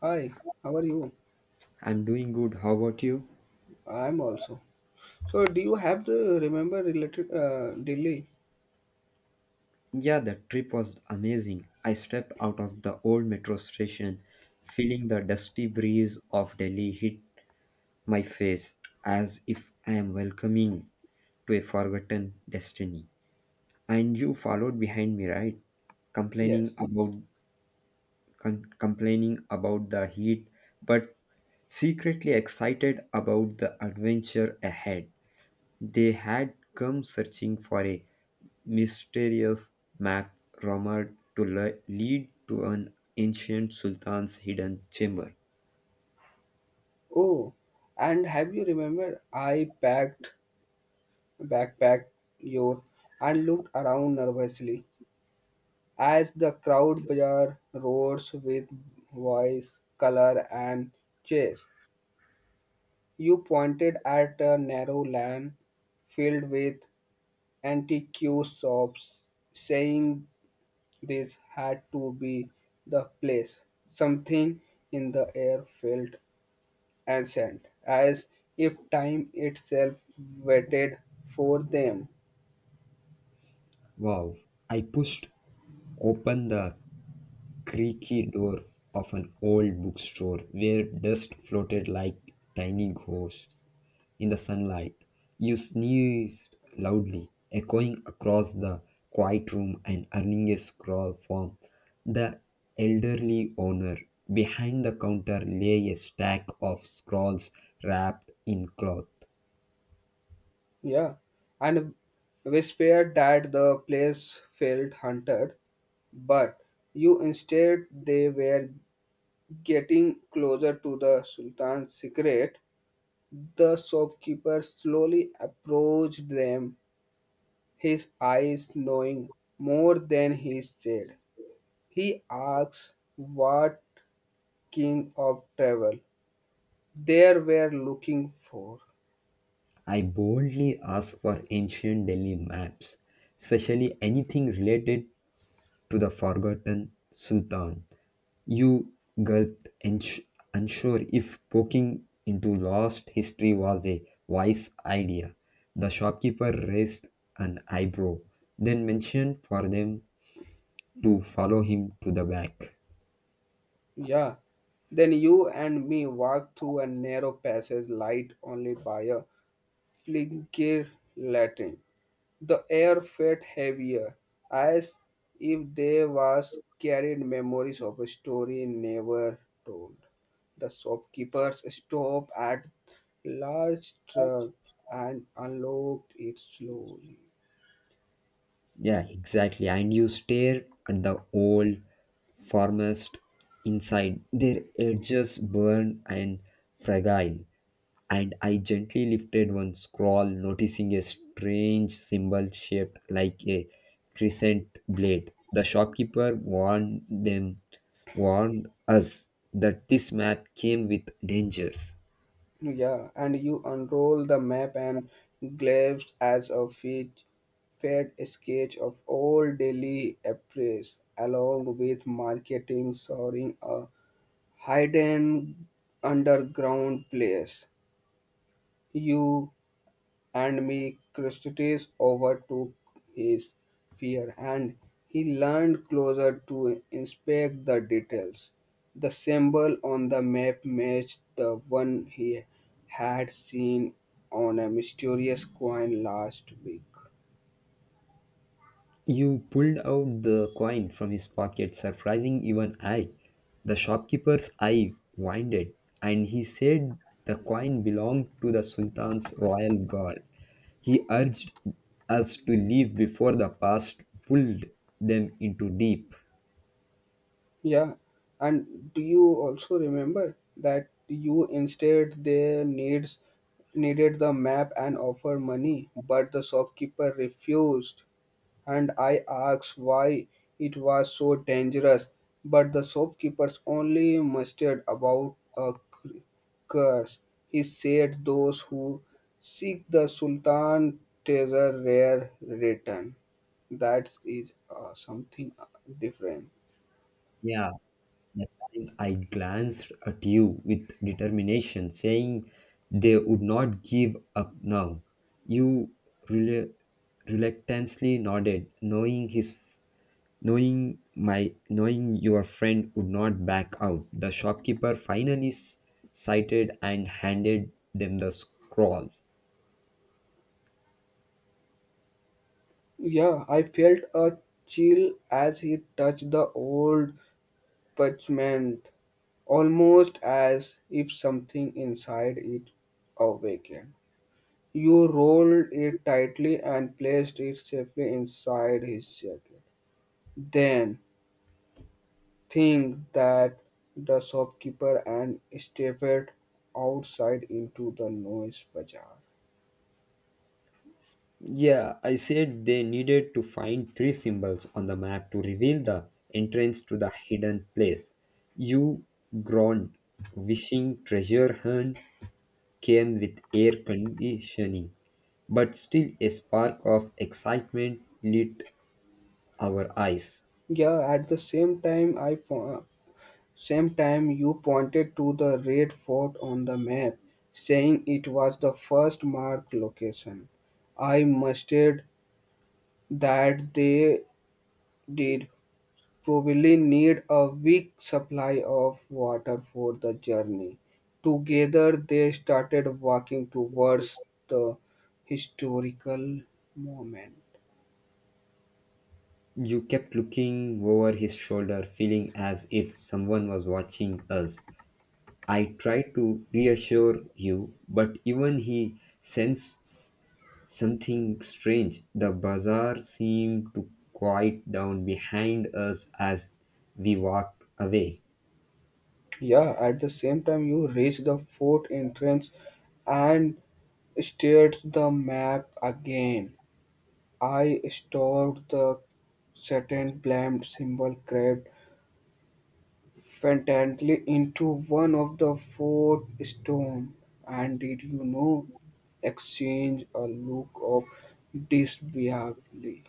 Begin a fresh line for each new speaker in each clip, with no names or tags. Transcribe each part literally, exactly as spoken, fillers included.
Hi, how are you?
I'm doing good. How about you?
I'm also. So, do you have the remember related uh, Delhi?
Yeah, the trip was amazing. I stepped out of the old metro station, feeling the dusty breeze of Delhi hit my face as if I am welcoming to a forgotten destiny. And you followed behind me, right? Complaining
Yes.
about com- complaining about the heat, but secretly excited about the adventure ahead. They had come searching for a mysterious map rumored to le- lead to an ancient sultan's hidden chamber.
Oh, and have you remembered I packed backpacked your and looked around nervously as the crowd bazaar roads with voice, color, and chairs. You pointed at a narrow lane filled with antique shops, saying this had to be the place. Something in the air felt ancient, as if time itself waited for them.
Wow. I pushed open the creaky door of an old bookstore where dust floated like tiny ghosts in the sunlight. You sneezed loudly, echoing across the quiet room and earning a scrawl from the elderly owner. Behind the counter lay a stack of scrolls wrapped in cloth.
Yeah, and whispered that the place felt haunted, but you instead they were getting closer to the Sultan's secret. The shopkeeper slowly approached them, his eyes knowing more than he said. He asks what kind of travel they were looking for.
I boldly asked for ancient Delhi maps, especially anything related to the forgotten Sultan. You gulped, uns- unsure if poking into lost history was a wise idea. The shopkeeper raised an eyebrow, then motioned for them to follow him to the back.
Yeah. Then you and me walk through a narrow passage light only by a flicker lantern. The air felt heavier, as if there was carried memories of a story never told. The shopkeepers stopped at large truck and unlocked it slowly.
Yeah, exactly. And you stare at the old forest inside. Their edges burned and fragile, and I gently lifted one scroll, noticing a strange symbol shaped like a crescent blade. The shopkeeper warned them, warned us that this map came with dangers.
Yeah, and you unroll the map and glanced as a fit, fair sketch of old Delhi appears, along with marketing soaring a hidden underground place. You and me Christides overtook his fear, and he leaned closer to inspect the details. The symbol on the map matched the one he had seen on a mysterious coin last week.
You pulled out the coin from his pocket, surprising even I. The shopkeeper's eye widened, and he said the coin belonged to the Sultan's royal guard. He urged us to leave before the past pulled them into deep.
Yeah, and do you also remember that you instead they needs needed the map and offer money, but the shopkeeper refused and I asked why it was so dangerous, but the shopkeepers only mustered about a cr- curse. He said those who seek the Sultan treasure rare return. That is uh, something uh, different.
Yeah, that time I glanced at you with determination, saying they would not give up now. You rel- reluctantly nodded, knowing his knowing my knowing your friend would not back out. The shopkeeper finally s- sighted and handed them the scroll.
Yeah, I felt a chill as he touched the old parchment, almost as if something inside it awakened. You rolled it tightly and placed it safely inside his jacket. Then, think that the shopkeeper and stepped outside into the noise bazaar.
Yeah, I said they needed to find three symbols on the map to reveal the entrance to the hidden place. You groaned, wishing treasure hunt came with air conditioning, but still a spark of excitement lit our eyes.
Yeah, at the same time I po- same time you pointed to the red fort on the map, saying it was the first marked location. I mustered that they did probably need a weak supply of water for the journey. Together, they started walking towards the historical moment.
You kept looking over his shoulder, feeling as if someone was watching us. I tried to reassure you, but even he sensed something strange. The bazaar seemed to quiet down behind us as we walked away.
Yeah, at the same time, you reach the fort entrance and stared the map again. I stored the certain blamed symbol carved faintly into one of the fort stone. And did you know exchange a look of disbelief.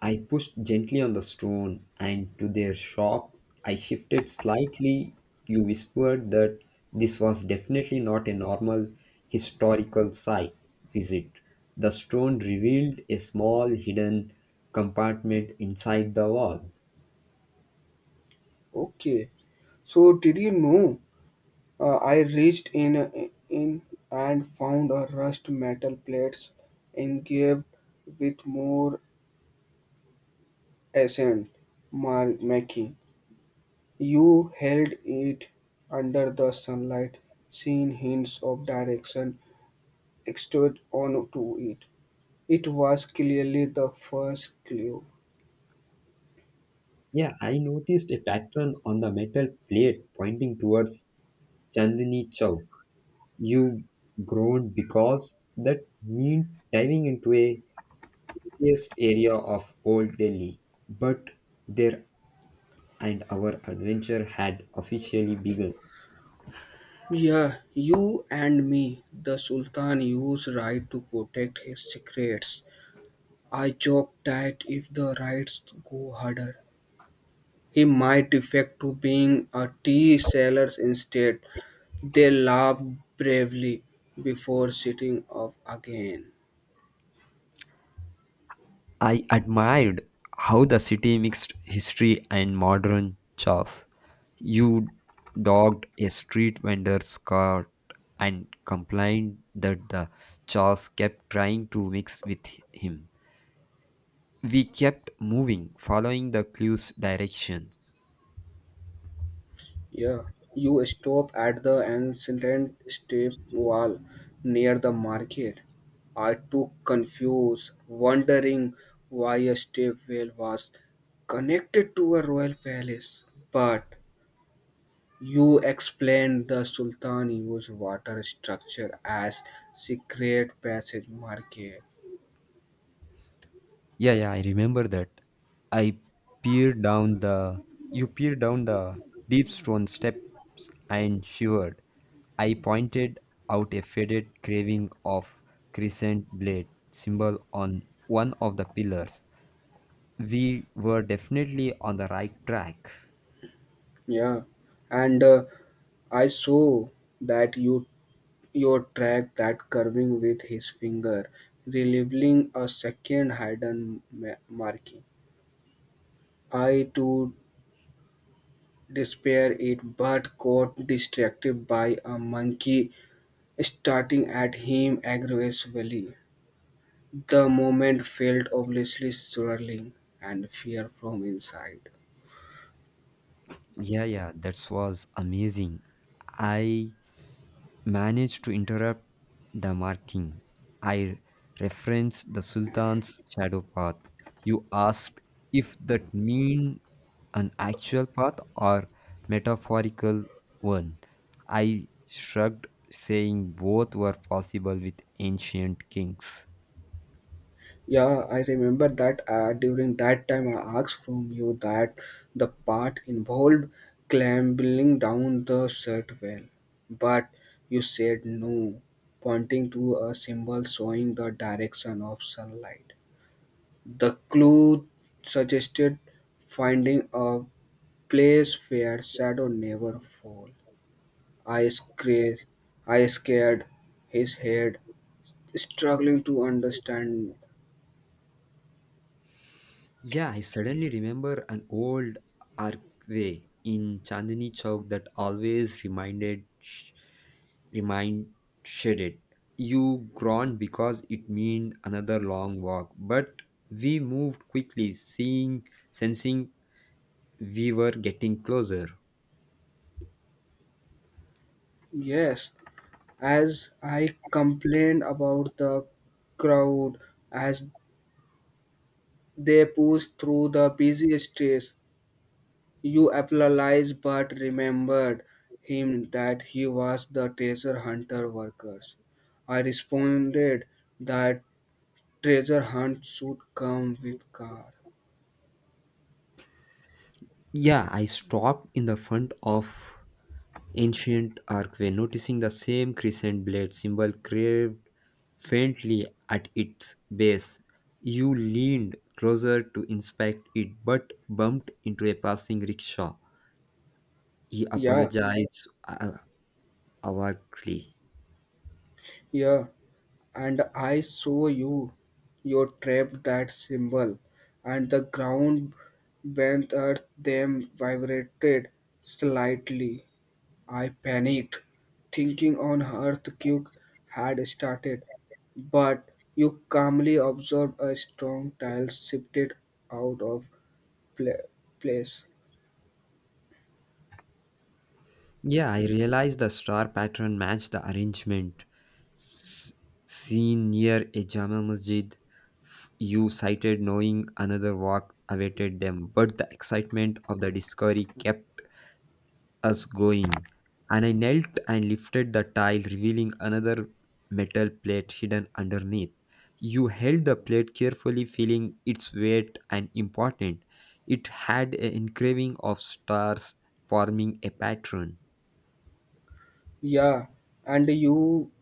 I pushed gently on the stone, and to their shock, I shifted slightly. You whispered that this was definitely not a normal historical site visit. The stone revealed a small hidden compartment inside the wall.
Okay, so did you know? uh, I reached in in and found a rust metal plates engraved with more ascent mar- making. You held it under the sunlight, seeing hints of direction extended onto it. It was clearly the first clue.
Yeah, I noticed a pattern on the metal plate pointing towards Chandni Chowk. You groaned because that meant diving into a sexiest area of old Delhi. But there and our adventure had officially begun.
Yeah, you and me. The Sultan used right to protect his secrets. I joke that if the riots go harder, he might defect to being a tea seller instead. They laugh bravely before sitting up again.
I admired how the city mixed history and modern chores. You dogged a street vendor's cart and complained that the chores kept trying to mix with him. We kept moving, following the clues' directions.
Yeah, you stop at the ancient step wall near the market. I too confused, wondering why a step well was connected to a royal palace. But you explained the Sultan used water structure as secret passage market.
Yeah, yeah, I remember that. I peered down the You peered down the deep stone steps and shivered. I pointed out a faded carving of crescent blade symbol on one of the pillars. We were definitely on the right track.
Yeah, and uh, I saw that you Yo track that curving with his finger, revealing a second hidden ma- marking. I too despair it, but got distracted by a monkey starting at him aggressively. The moment felt obviously swirling and fear from inside.
Yeah, yeah, that was amazing. I managed to interrupt the marking. I referenced the Sultan's shadow path. You asked if that mean an actual path or metaphorical one. I shrugged, saying both were possible with ancient kings.
Yeah, I remember that uh, during that time I asked from you that the part involved clambering down the shirt well, but you said no, pointing to a symbol showing the direction of sunlight. The clue suggested finding a place where shadow never fall. I scared, I scared his head, struggling to understand.
Yeah, I suddenly remember an old archway in Chandni Chowk that always reminded remind shaded. You groaned because it meant another long walk, but we moved quickly, seeing sensing we were getting closer.
Yes, as I complained about the crowd as they pushed through the busy streets. You apologized but remembered him that he was the treasure hunter workers. I responded that treasure hunt should come with car.
Yeah, I stopped in the front of ancient archway, noticing the same crescent blade symbol carved faintly at its base. You leaned closer to inspect it, but bumped into a passing rickshaw. He
Yeah,
apologized uh, awkwardly.
yeah, and I saw you, you trap that symbol, and the ground beneath earth them vibrated slightly. I panicked, thinking an earthquake had started, but you calmly observed a strong tile shifted out of pla- place.
Yeah, I realized the star pattern matched the arrangement s- seen near a Jama Masjid. F- You cited knowing another walk awaited them, but the excitement of the discovery kept us going, and I knelt and lifted the tile, revealing another metal plate hidden underneath. You held the plate carefully, feeling its weight and important. It had an engraving of stars forming a pattern.
Yeah, and you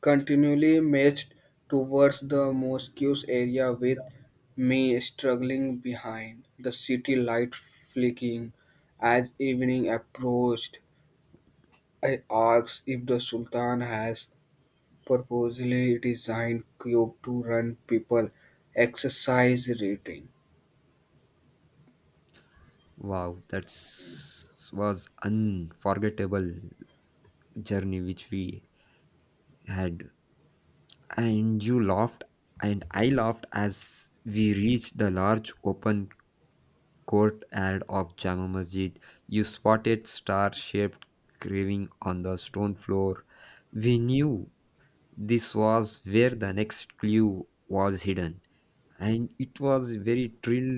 continually marched towards the mosque's area with me struggling behind, the city light flicking as evening approached, I asked if the Sultan has purposely designed cube to run people exercise reading.
Wow, that was unforgettable journey which we had. And you laughed and I laughed as we reached the large open courtyard of Jama Masjid, you spotted star shaped carving on the stone floor. We knew this was where the next clue was hidden, and it was very thrill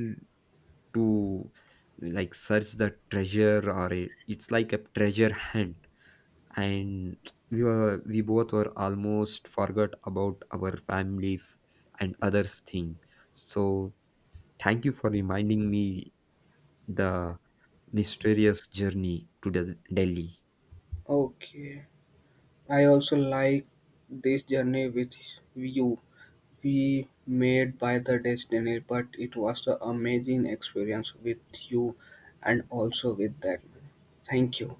to like search the treasure or it, it's like a treasure hunt and we were we both were almost forgot about our family f- and others thing so thank you for reminding me the mysterious journey to the Delhi.
Okay. I also like this journey with you. Be made by the destiny, but it was an amazing experience with you and also with that man. Thank you.